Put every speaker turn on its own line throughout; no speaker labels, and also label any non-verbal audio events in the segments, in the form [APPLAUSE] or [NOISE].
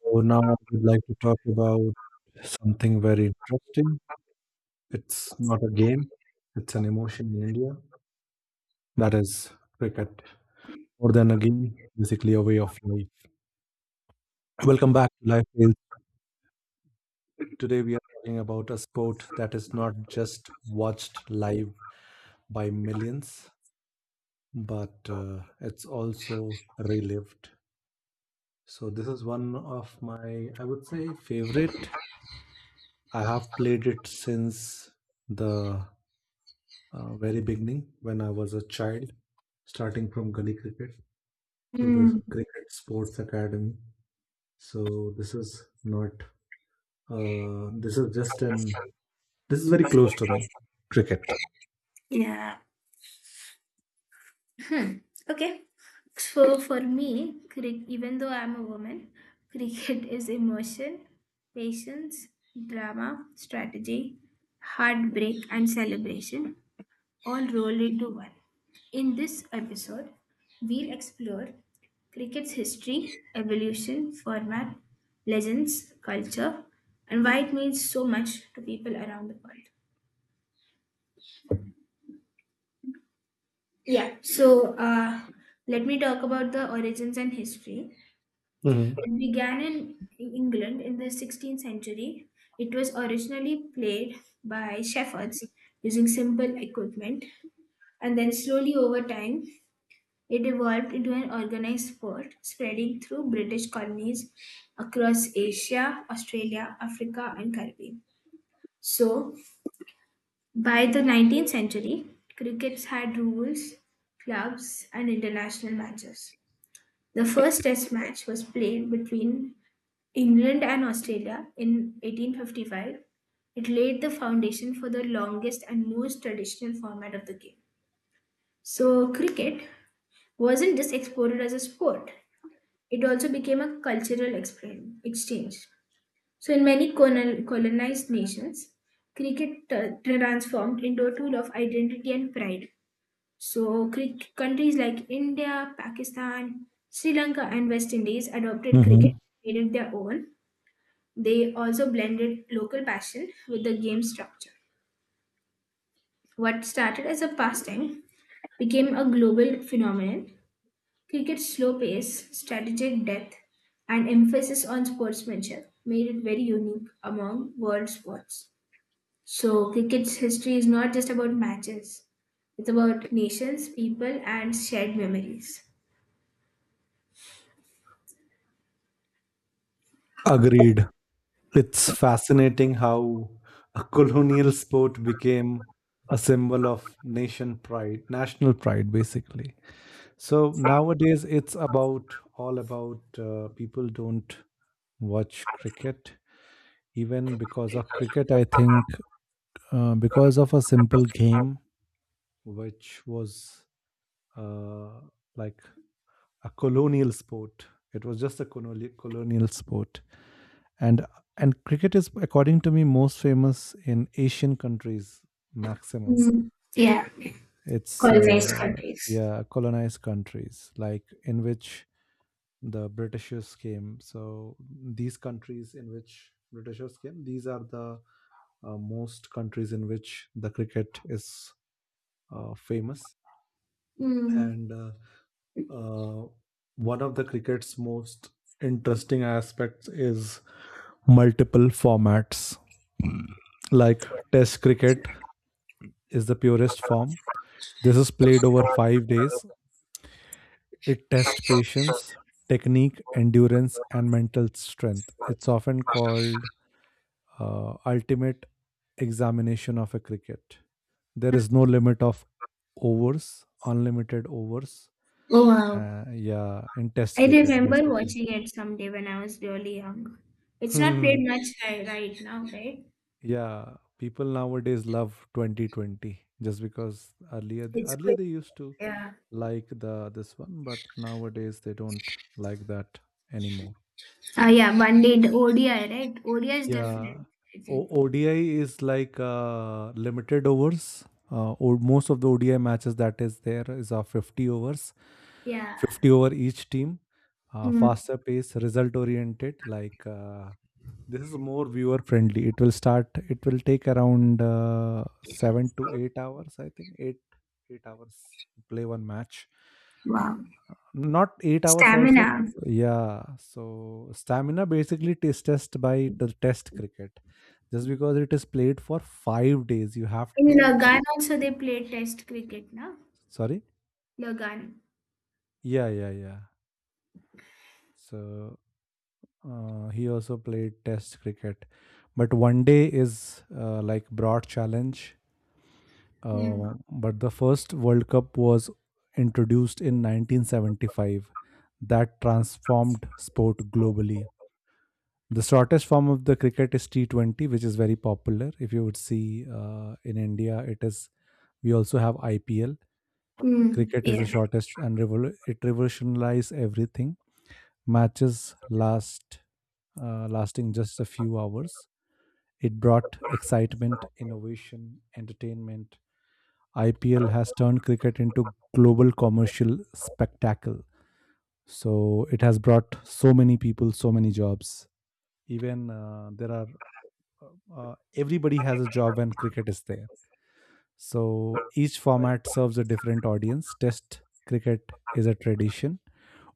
So now I would like to talk about something very interesting. It's not a game, it's an emotion in India. That is cricket. More than a game, basically a way of life. Welcome back to Life Tales. Today we are talking about a sport that is not just watched live by millions, but it's also relived. So this is one of my, I would say, favorite. I have played it since the very beginning when I was a child, starting from gully cricket to the cricket sports academy. So this is not. This is just an. This is very close to me. Cricket.
Hmm. Okay. So for me, even though I'm a woman, cricket is emotion, patience, drama, strategy, heartbreak, and celebration all rolled into one. In this episode, we'll explore cricket's history, evolution, format, legends, culture, and why it means so much to people around the world. Yeah, so let me talk about the origins and history.
Mm-hmm.
It began in England in the 16th century. It was originally played by shepherds using simple equipment, and then slowly over time, it evolved into an organized sport, spreading through British colonies across Asia, Australia, Africa, and Caribbean. So, by the 19th century, crickets had rules, clubs, and international matches. The first Test match was played between England and Australia in 1855. It laid the foundation for the longest and most traditional format of the game. So, cricket wasn't just exported as a sport, it also became a cultural exchange. So, in many colonized nations, cricket transformed into a tool of identity and pride. So, countries like India, Pakistan, Sri Lanka, and West Indies adopted cricket,
Mm-hmm.
and made it their own. They also blended local passion with the game structure. What started as a pastime became a global phenomenon. Cricket's slow pace, strategic depth, and emphasis on sportsmanship made it very unique among world sports. So, cricket's history is not just about matches, it's about nations, people, and shared memories.
Agreed. It's fascinating how a colonial sport became a symbol of nation pride, national pride, basically. So nowadays, it's about all about people don't watch cricket even because of cricket I think, because of a simple game which was uh, like a colonial sport. It was just a colonial sport. And and cricket is, according to me, most famous in Asian countries. Maximum
Mm, yeah,
it's,
colonized countries.
yeah, colonized countries like in which the Britishers came. So these countries in which Britishers came, these are the most countries in which the cricket is famous.
Mm.
And uh, one of the cricket's most interesting aspects is multiple formats. [CLEARS THROAT] Like test cricket is the purest form. This is played over 5 days. It tests patience, technique, endurance, and mental strength. It's often called ultimate examination of a cricket. There is no limit of overs, unlimited overs.
Oh wow.
Yeah, in Test
I
cricket,
remember
basically.
watching it someday when I was really young. It's not played much
[LAUGHS]
right now, right?
Yeah, people nowadays love 2020 just because earlier they,
It's
earlier
quick.
they used to
Yeah.
like the this one, but nowadays they don't like that anymore.
Ah, yeah. One day the ODI, right? ODI is different.
Yeah.
I think.
ODI is like limited overs. Or most of the ODI matches that is there is of 50 overs,
Yeah.
50 over each team.
Mm.
Faster pace, result oriented. Like this is more viewer friendly. It will start. It will take around 7 to 8 hours. I think eight hours to play one match,
Wow.
not 8 hours also.
Stamina.
Yeah, so stamina basically is test by test cricket just because it is played for 5 days. You have
In
to.
Lagan also they play Test cricket, no?
Sorry.
Lagan.
Yeah, yeah, yeah. So he also played test cricket, but one day is like broad challenge.
Mm.
But the first world cup was introduced in 1975 that transformed sport globally. The shortest form of the cricket is T20, which is very popular. If you would see in India, it is. We also have IPL.
Mm.
Cricket is
Yeah.
the shortest, and it revolutionized everything. Matches last, lasting just a few hours. It brought excitement, innovation, entertainment. IPL has turned cricket into global commercial spectacle. So it has brought so many people, so many jobs. Even there are, everybody has a job when cricket is there. So each format serves a different audience. Test cricket is a tradition.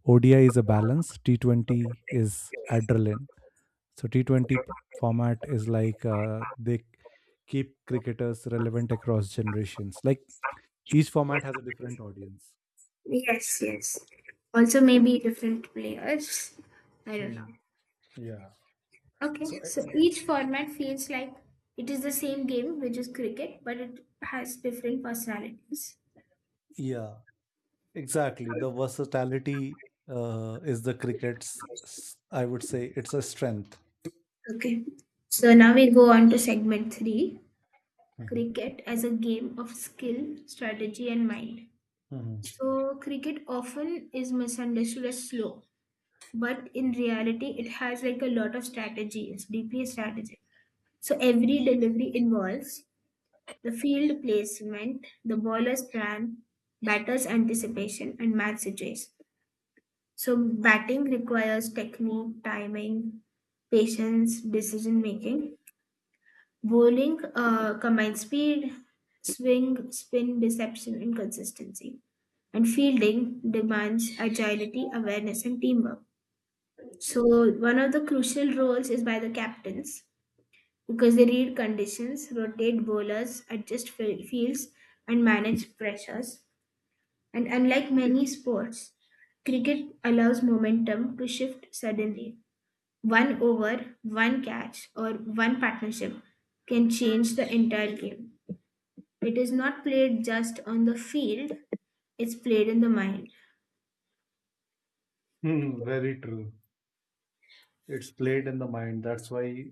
ODI is a balance. T20 is adrenaline. So T20 format is like they keep cricketers relevant across generations. Like each format has a different audience.
Yes. Yes. Also maybe different players. I don't know.
Hmm. So,
Okay, so each format feels like it is the same game, which is cricket, but it has different personalities.
yeah, exactly. The versatility is the cricket's, I would say, it's a strength.
Okay, so now we go on to segment three,
Mhm.
cricket as a game of skill, strategy, and mind.
Mhm.
So, cricket often is misunderstood as slow, but in reality, it has like a lot of strategy, it's deeply strategic. So, every delivery involves the field placement, the bowler's plan, batter's anticipation, and match situation. So batting requires technique, timing, patience, decision making. Bowling combines speed, swing, spin, deception, and consistency. And fielding demands agility, awareness, and teamwork. So one of the crucial roles is by the captains because they read conditions, rotate bowlers, adjust fields, and manage pressures. And unlike many sports, cricket allows momentum to shift suddenly. One over, one catch, or one partnership can change the entire game. It is not played just on the field, it's played in the mind.
Hmm, very true. It's played in the mind. That's why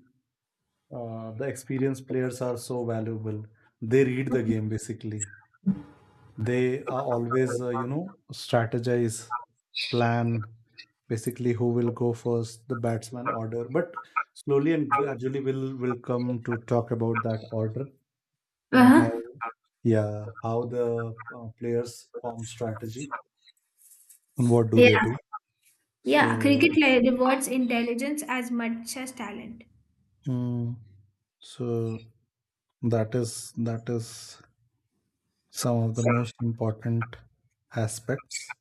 the experienced players are so valuable. They read the game basically. They are always, you know, strategize, plan, basically who will go first, the batsman order. But slowly and gradually, we'll will come to talk about that order. Uh, how,
Uh-huh.
yeah, how the players form strategy and what do they
Yeah.
do.
Yeah, cricket
So,
rewards intelligence as much as talent.
mm, so that is some of the most important aspects.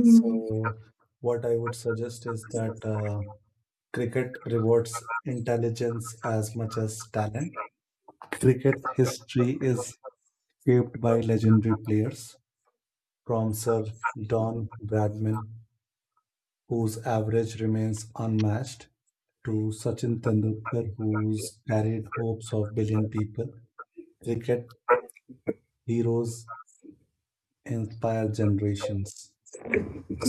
So what I would suggest is that cricket rewards intelligence as much as talent. Cricket history is shaped by legendary players, from Sir Don Bradman, whose average remains unmatched, to Sachin Tendulkar, who's carried hopes of billion people. Cricket heroes inspire generations.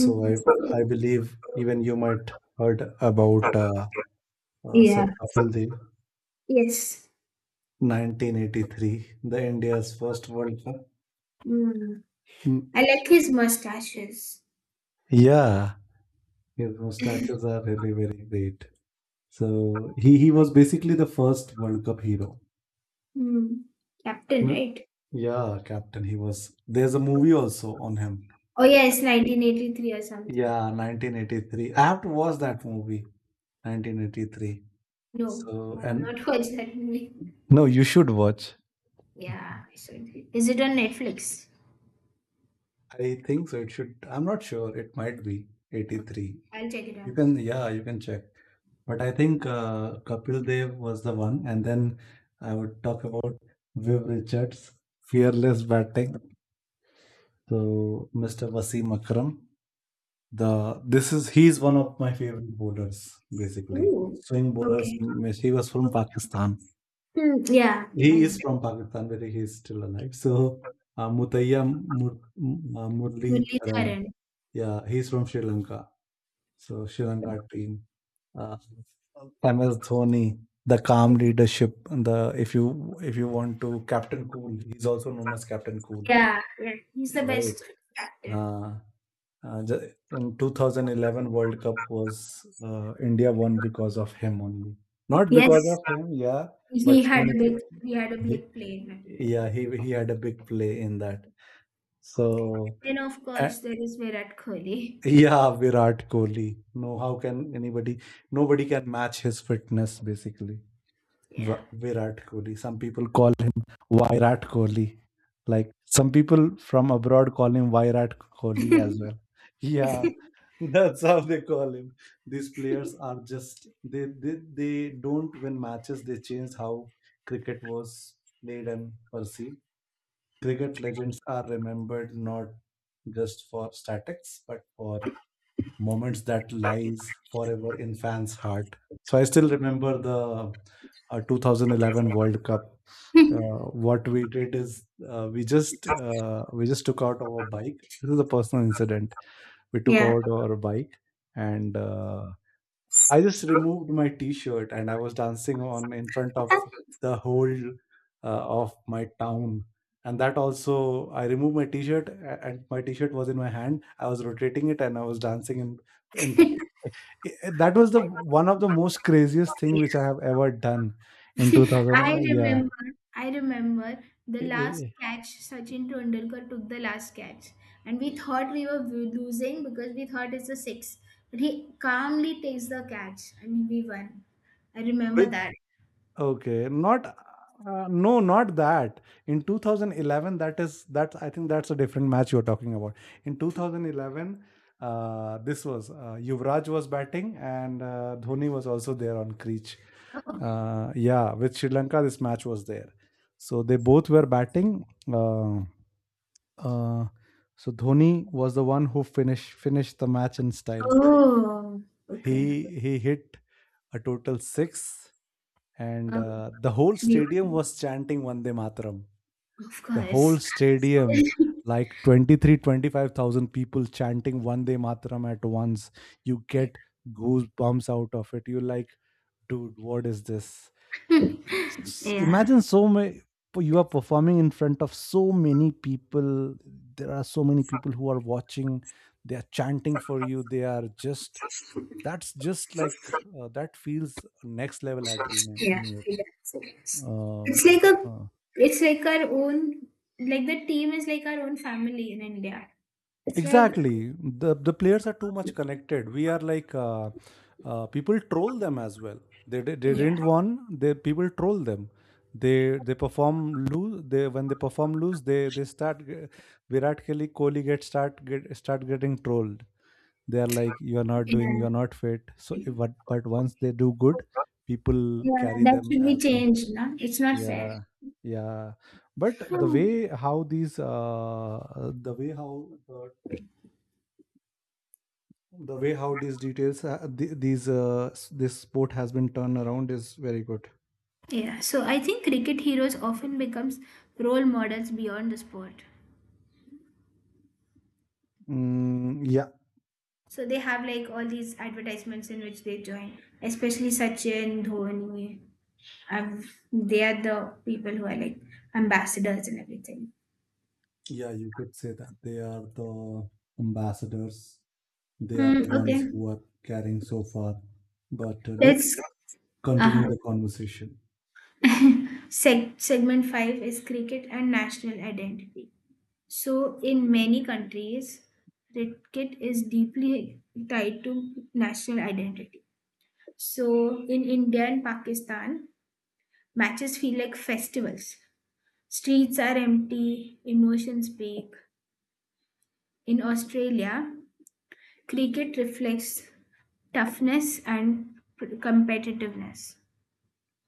So I I believe even you might heard about Sir
Yeah.
Kapil Dev,
Yes.
1983, the India's first World Cup.
Mm.
Mm,
I like his mustaches.
yeah, his mustaches are really very great. So he was basically the first World Cup hero.
Mm. Captain,
Mm,
right?
yeah, captain. He was. There's a movie also on him.
Oh, yes, 1983 or something.
Yeah, 1983. I have to watch that movie, 1983.
No,
So
I've
and
not [LAUGHS] watched that movie.
no, you should watch.
Yeah, I saw it. Is it on Netflix?
I think so. It should. I'm not sure. It might be
Okay,
83.
I'll check it out.
You can, yeah, you can check. But I think Kapil Dev was the one, and then I would talk about Viv Richards, fearless batting. So Mr. Wasim Akram, the this is he's one of my favorite bowlers, basically
Ooh.
swing bowlers.
Okay.
He was from Pakistan.
Hmm, yeah, I
He
know.
is from Pakistan, where he is still alive. So Mutaya Mur, Murli
Murli
Tharan,
Dharan.
yeah, he's from Sri Lanka. So Shivan got. Uh, MS Dhoni, the calm leadership. The if you want to Captain Cool, he's also known as Captain Cool,
Yeah, yeah. He's the
right?
best. Actor.
Uh, in 2011 World Cup was India won because of him only, not
Yes.
because of him, yeah. But
He
so
had
many
a
people,
big, he had a
he,
big play in it.
yeah, he had a big play in that. So
Then of
a-
course there is Virat Kohli.
yeah, Virat Kohli. No, how can anybody? Nobody can match his fitness, basically.
Yeah.
Virat Kohli. Some people call him Virat Kohli. Like some people from abroad call him Virat Kohli as well. Yeah,
[LAUGHS]
[LAUGHS] that's how they call him. These players are just they don't win matches. They change how cricket was played and perceived. Cricket legends are remembered not just for statics, but for moments that lies forever in fans' heart. So I still remember the 2011 World Cup. What we did is we just took out our bike. This is a personal incident. We took
Yeah.
out our bike and I just removed my t-shirt and I was dancing on in front of the whole of my town. And that also, I removed my t-shirt and my t-shirt was in my hand. I was rotating it and I was dancing in that was the one of the most craziest thing which I have ever done in
[LAUGHS]
2000.
I
Yeah.
remember, I remember the
Eh, eh,
last
eh.
catch Sachin Tendulkar took the last catch, and we thought we were losing because we thought it's a six, but he calmly takes the catch, and we won. I remember
With.
that.
Okay, not no, not that. In 2011, that is that I think that's a different match you're talking about. In 2011, this was Yuvraj was batting and Dhoni was also there on creech. Yeah, with Sri Lanka, this match was there. So they both were batting. Uh, uh, so Dhoni was the one who finished the match in style.
Oh, okay.
He hit a total six and
Oh,
the whole
we
stadium
won.
was chanting Vande Mataram.
Of
The whole
course.
stadium,
[LAUGHS]
like 23, 25,000 people chanting Vande Mataram at once. You get goosebumps out of it. You're like, dude, what is this?
Yeah.
Imagine so many. You are performing in front of so many people. There are so many people who are watching. They are chanting for you. They are just. That's just like that feels next level adrenaline
Yeah,
in
yeah. So it's
your
it's like a,
uh,
it's like our own, like the team is like our own family in India. It's like.
exactly. The players are too much connected. We are like people troll them as well. They
Yeah,
didn't won. They people troll them. They perform lose. They when they perform lose. They start Virat Kohli get start getting trolled. They are like you are not doing.
yeah,
You are not fit. So but once they do good, people
yeah,
carry
that
them
should be
as a.
changed, na? It's not fair.
Yeah, yeah. But the
Hmm.
way how these the way how these details these this sport has been turned around is very good.
Yeah, so I think cricket heroes often becomes role models beyond the sport.
Mm, yeah,
So they have like all these advertisements in which they join, especially Sachin, Dhoni. I've, they are the people who are like ambassadors and everything.
yeah, you could say that they are the ambassadors. They are
Hmm,
the ones
okay,
who are carrying so far. But
let's.
let's continue
Uh-huh.
the conversation.
Segment five is cricket and national identity. So, in many countries, cricket is deeply tied to national identity. So, in India and Pakistan, matches feel like festivals. Streets are empty, emotions peak. In Australia, cricket reflects toughness and competitiveness.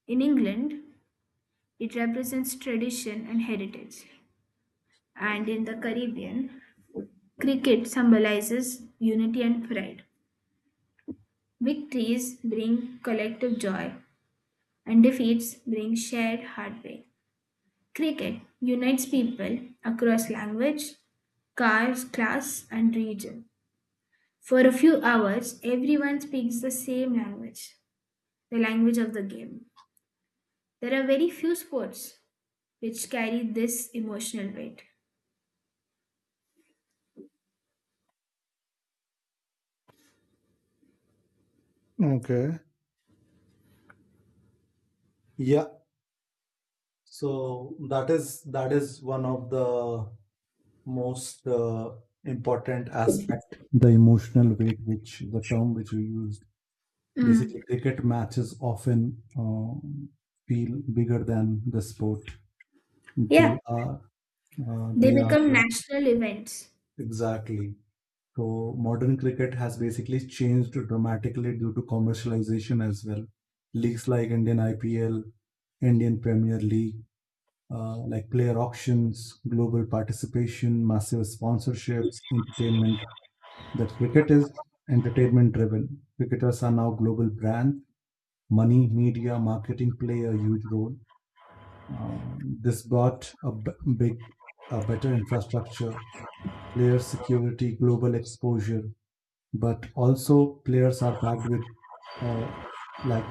In England, it represents tradition and heritage. And in the Caribbean, cricket symbolizes unity and pride. Victories bring collective joy, and defeats bring shared heartbreak. Cricket unites people across language, cars, class, and region. For a few hours, everyone speaks the same language, the language of the game. There are very few sports which carry this emotional weight.
Okay. Yeah, so that is one of the most important aspect, the emotional weight, which the term which we use. Basically,
Mm.
cricket matches often feel bigger than the sport.
Yeah.
They are,
They
they are
become
like,
national events.
exactly. So modern cricket has basically changed dramatically due to commercialization as well. Leagues like Indian IPL, Indian Premier League, like player auctions, global participation, massive sponsorships, entertainment. That cricket is entertainment driven. Cricketers are now global brands money, media, marketing play a huge role. This brought a big, a better infrastructure, player security, global exposure, but also players are packed with uh, like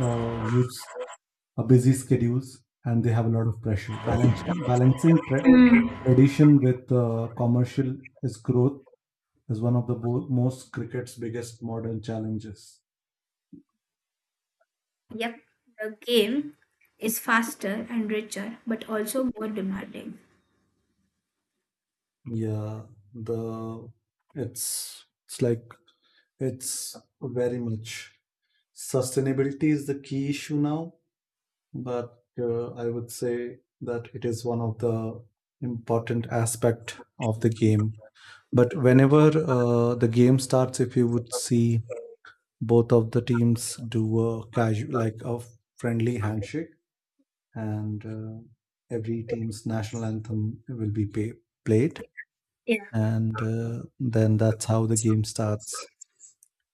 use a busy schedules and they have a lot of pressure. Balancing
Mm.
tradition with commercial is growth is one of the most cricket's biggest modern challenges.
Yep, the game is faster and richer, but also more demanding.
Yeah, the it's like. It's very much. Sustainability is the key issue now, but I would say that it is one of the important aspect of the game. But whenever the game starts, if you would see, both of the teams do a casual, like a friendly handshake, and every team's national anthem will be played,
Yeah.
and then that's how the game starts.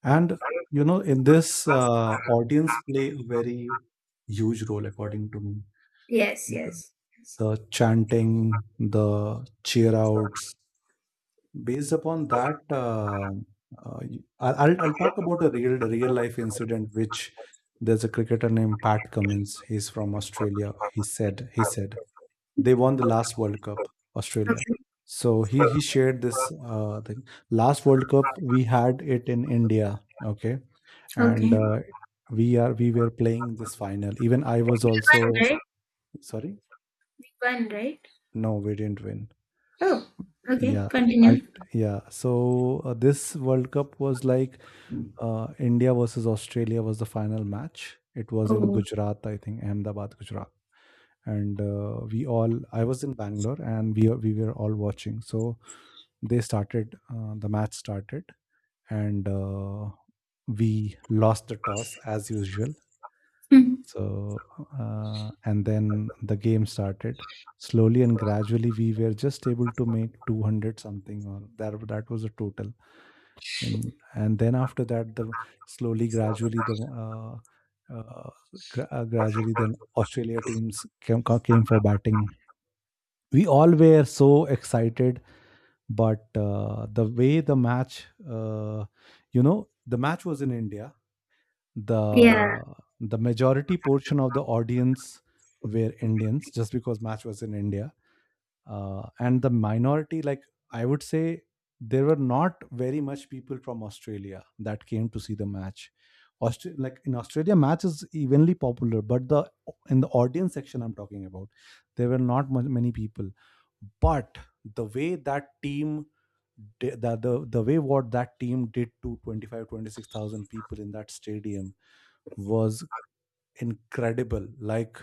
And in this, audience play a very huge role, according to me.
Yes, yes, yes.
The chanting, the cheer outs, based upon that, I'll talk about a real life incident, which there's a cricketer named Pat Cummins. He's from Australia. He said they won the last World Cup, Australia.
Okay.
So he shared this thing. Last World Cup we had it in India. Okay, and
Okay. We
we were playing this final, even I
won,
was also.
right?
Sorry.
We won, right?
No, we didn't win.
Okay,
Yeah. I,
continue.
yeah. So this world cup was like, India versus Australia was the final match. It was in
Oh. [LAUGHS]
Gujarat, I think Ahmedabad, Gujarat. And we all I was in Bangalore, and we were all watching, so the match started. And we lost the toss, as usual.
Hmm.
So, and then the game started slowly and gradually. We were just able to make 200 something, or that was the total. And then after that, the slowly, gradually, uh, gradually, then Australia teams came for batting. We all were so excited, but the way the match, uh, the match was in India.
Yeah.
The the majority portion of the audience were Indians, just because match was in India, and the minority, like, I would say, there were not very much people from Australia that came to see the match. Like in Australia, match is evenly popular, but the in the audience section I'm talking about, there were not many people. But the way that team the way what that team did to 25 26000 people in that stadium was incredible. Like,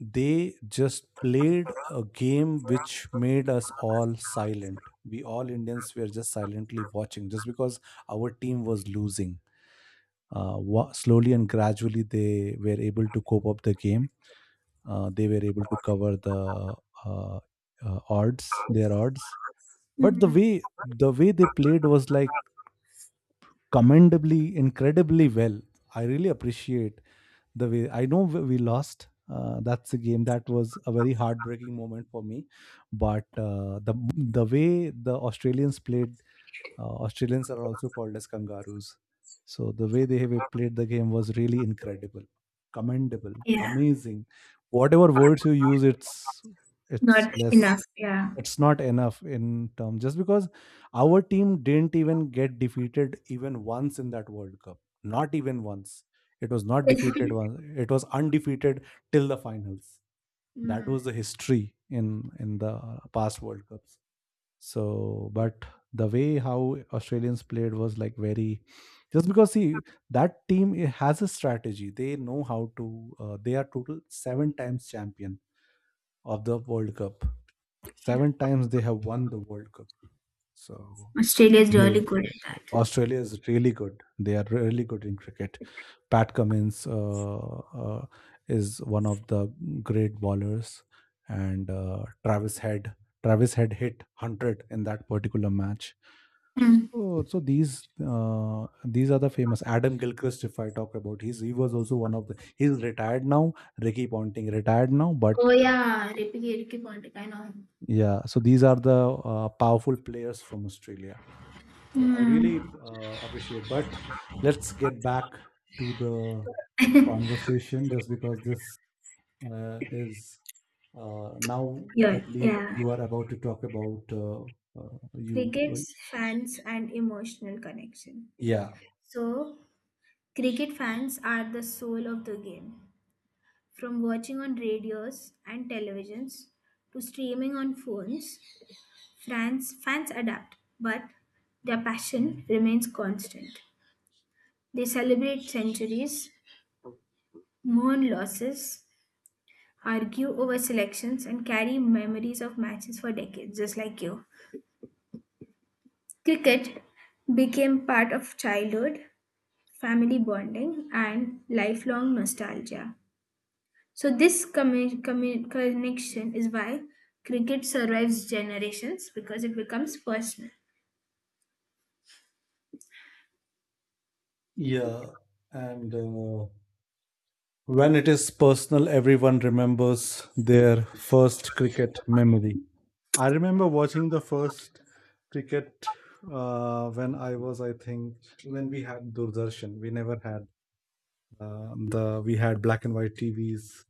they just played a game which made us all silent. We all Indians were just silently watching, just because our team was losing. Slowly and gradually, they were able to cope up the game. They were able to cover the uh, odds, their odds. But the
Hmm.
way the way they played was like commendably, incredibly well. I really appreciate the way. I know we lost. That's a game. That was a very heartbreaking moment for me, but the way the Australians played, Australians are also called as kangaroos, so the way they have played the game was really incredible, commendable,
Yeah.
amazing. Whatever words you use, it's
Not
less,
enough. Yeah.
it's not enough in terms, just because our team didn't even get defeated even once in that World Cup. Not even once. It was not defeated once. It was undefeated till the finals. That
Hmm.
was the history in the past World Cups. So, but the way how Australians played was like very, just because, see, that team, it has a strategy. They know how to, they are total seven times champion of the World Cup. Seven times they have won the World Cup. So
Australia is really
they
good at that.
Australia is really good. They are really good in cricket. Pat Cummins uh, is one of the great bowlers, and Travis Head. Travis Head hit hundred in that particular match.
Hmm.
So, these are the famous Adam Gilchrist, if I talk about. He was also one of the. He's retired now. Ricky Ponting, retired now, but.
Oh yeah, Ripiki Rikki Pontic, I know him.
Yeah, so these are the powerful players from Australia. So I
Hmm.
really appreciate. But let's get back to the conversation, just because this is now. I
Yeah.
believe
Yeah.
you are about to talk about you. Right?
Cricket's fans and emotional connection.
Yeah,
So, cricket fans are the soul of the game. From watching on radios and televisions to streaming on phones, fans adapt, but their passion remains constant. They celebrate centuries, mourn losses, argue over selections, and carry memories of matches for decades, just like you. Cricket became part of childhood, family bonding, and lifelong nostalgia. So this connection is why cricket survives generations because it becomes personal.
yeah, and when it is personal, everyone remembers their first cricket memory. I remember watching the first cricket when I was, I think, when we had Doordarshan. We never had the we had black and white TVs,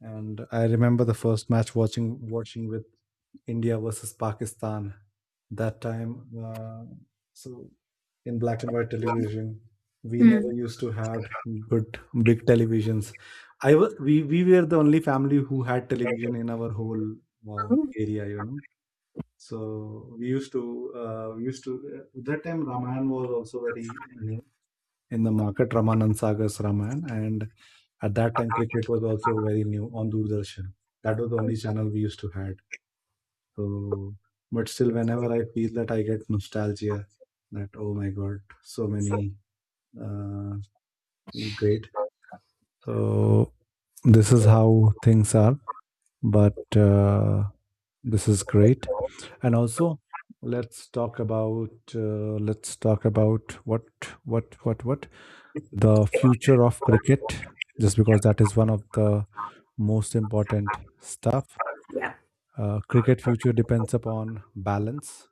and I remember the first match watching with India versus Pakistan that time. So in black and white television, we never
Hmm.
used to had good big televisions. I was we were the only family who had television in our whole uh, area. So we used to that time Ramayana was also very new in the market. Ramanand Sagar's Ramayana, and at that time cricket was also very new on Doordarshan. That was the only channel we used to had. So, but still, whenever I feel that I get nostalgia, that oh my god, so many uh, great. So this is how things are, but this is great. And also, let's talk about what the future of cricket, just because that is one of the most important stuff. Cricket future depends upon balance.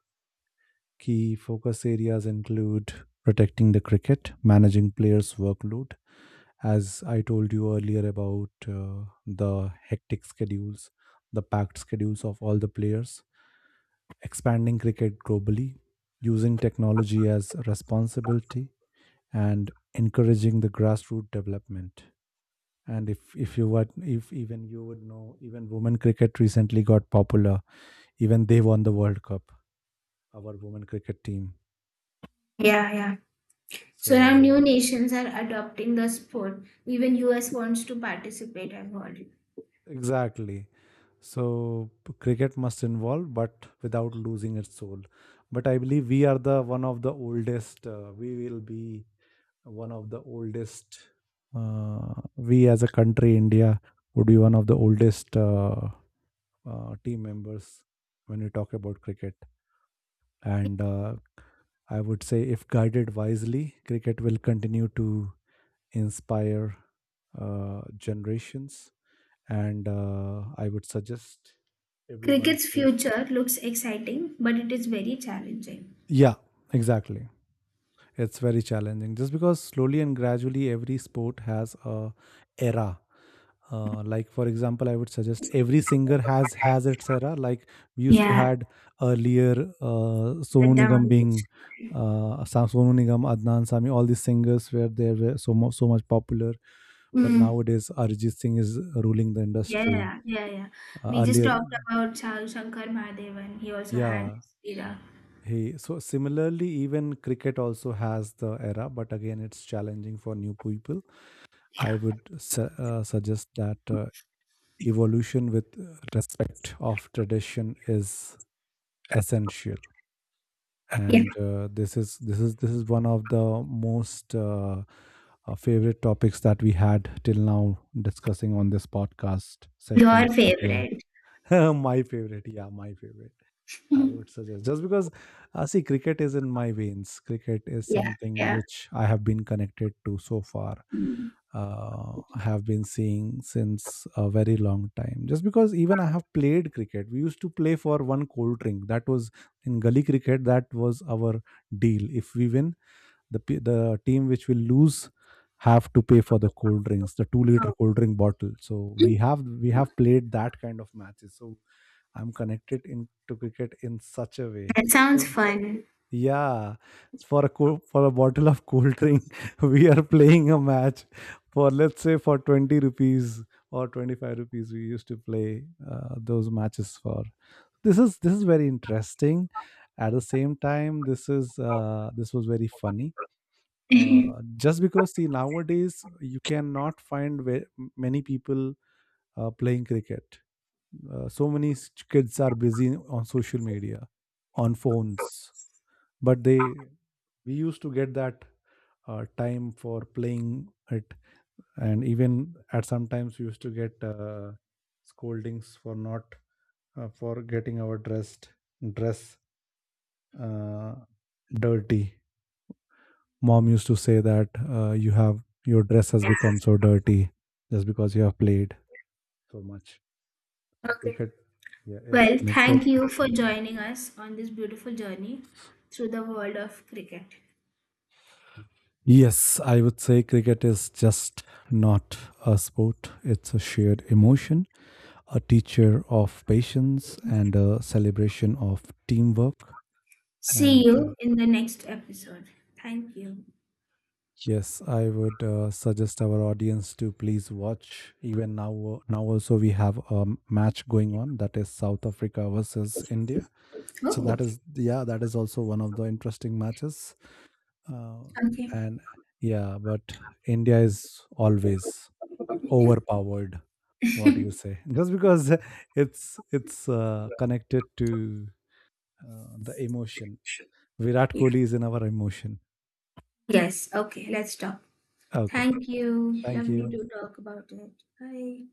Key focus areas include protecting the cricket, managing players' workload. As I told you earlier about the hectic schedules, the packed schedules of all the players, expanding cricket globally, using technology as a responsibility, and encouraging the grassroots development. And if even you would know, even women cricket recently got popular. Even they won the World Cup, our women cricket team.
Yeah, yeah. So now new
So
nations are adopting the sport. Even US wants to participate, I've heard.
exactly. So cricket must involve, but without losing its soul. But I believe we are the one of the oldest. We will be one of the oldest. We as a country India would be one of the oldest team members when we talk about cricket, and I would say if guided wisely cricket will continue to inspire generations. And I would suggest everyone
Cricket's
to.
future looks exciting, but it is very challenging.
Yeah, exactly. It's very challenging just because slowly and gradually every sport has a era, like for example I would suggest every singer has its era. Like we used to
Yeah.
had earlier, Sonu
Let them
Nigam
on
being,
this.
Sonu Nigam, Adnan Sami, all these singers were they were so much popular. But
Mm.
nowadays Arjit Singh is ruling the
Yeah,
industry.
yeah, yeah, yeah. We just
Earlier
talked about Shah Shankar Mahadevan. He also had
Yeah,
his era.
he so similarly, even cricket also has the era, but again it's challenging for new people.
Yeah.
I would suggest that evolution with respect of tradition is essential.
Yeah.
And this is one of the most favorite topics that we had till now discussing on this podcast
Your
sessions that
favorite.
were [LAUGHS] my favorite. Yeah, my favorite. I would
[LAUGHS]
suggest just because, see, cricket is in my veins. Cricket is
Yeah.
something
Yeah.
which I have been connected to so far.
Oh,
I have been seeing since a very long time, just because even I have played cricket. We used to play for one cold drink. That was in gully cricket. That was our deal. If we win, the the team which will lose have to pay for the cold drinks, the 2-liter cold drink bottle. So we have we have played that kind of matches. So I'm connected into cricket in such a way.
that sounds
So,
fun.
yeah, for a for a bottle of cold drink [LAUGHS] we are playing a match, for let's say for 20 rupees or 25 rupees we used to play those matches for. This is very interesting. At the same time this is, this was very funny,
[LAUGHS]
just because, see, nowadays you cannot find many people playing cricket. So many kids are busy on social media, on phones, but they we used to get that time for playing it. And even at sometimes we used to get scoldings for not, for getting our dress uh, dirty. Mom used to say that your dress has become so dirty, just because you have played so much, so cricket, yeah, is
Well,
connected.
thank you for joining us on this beautiful journey through the world of cricket.
Yes, I would say cricket is just not a sport. It's a shared emotion, a teacher of patience, and a celebration of teamwork.
See
And
you in the next episode. Thank you.
yes, I would suggest our audience to please watch. Even now, now also, we have a match going on, that is South Africa versus India. So that
Oh,
is, yeah, that is also one of the interesting matches. uh,
okay.
and yeah, but India is always overpowered, what do you say, just because [LAUGHS] it's connected to the emotion. Virat
Yeah.
Kohli is in our emotion.
Yes, okay, let's stop.
Okay,
Thank you.
thank
Lovely
you.
to talk about it. Bye.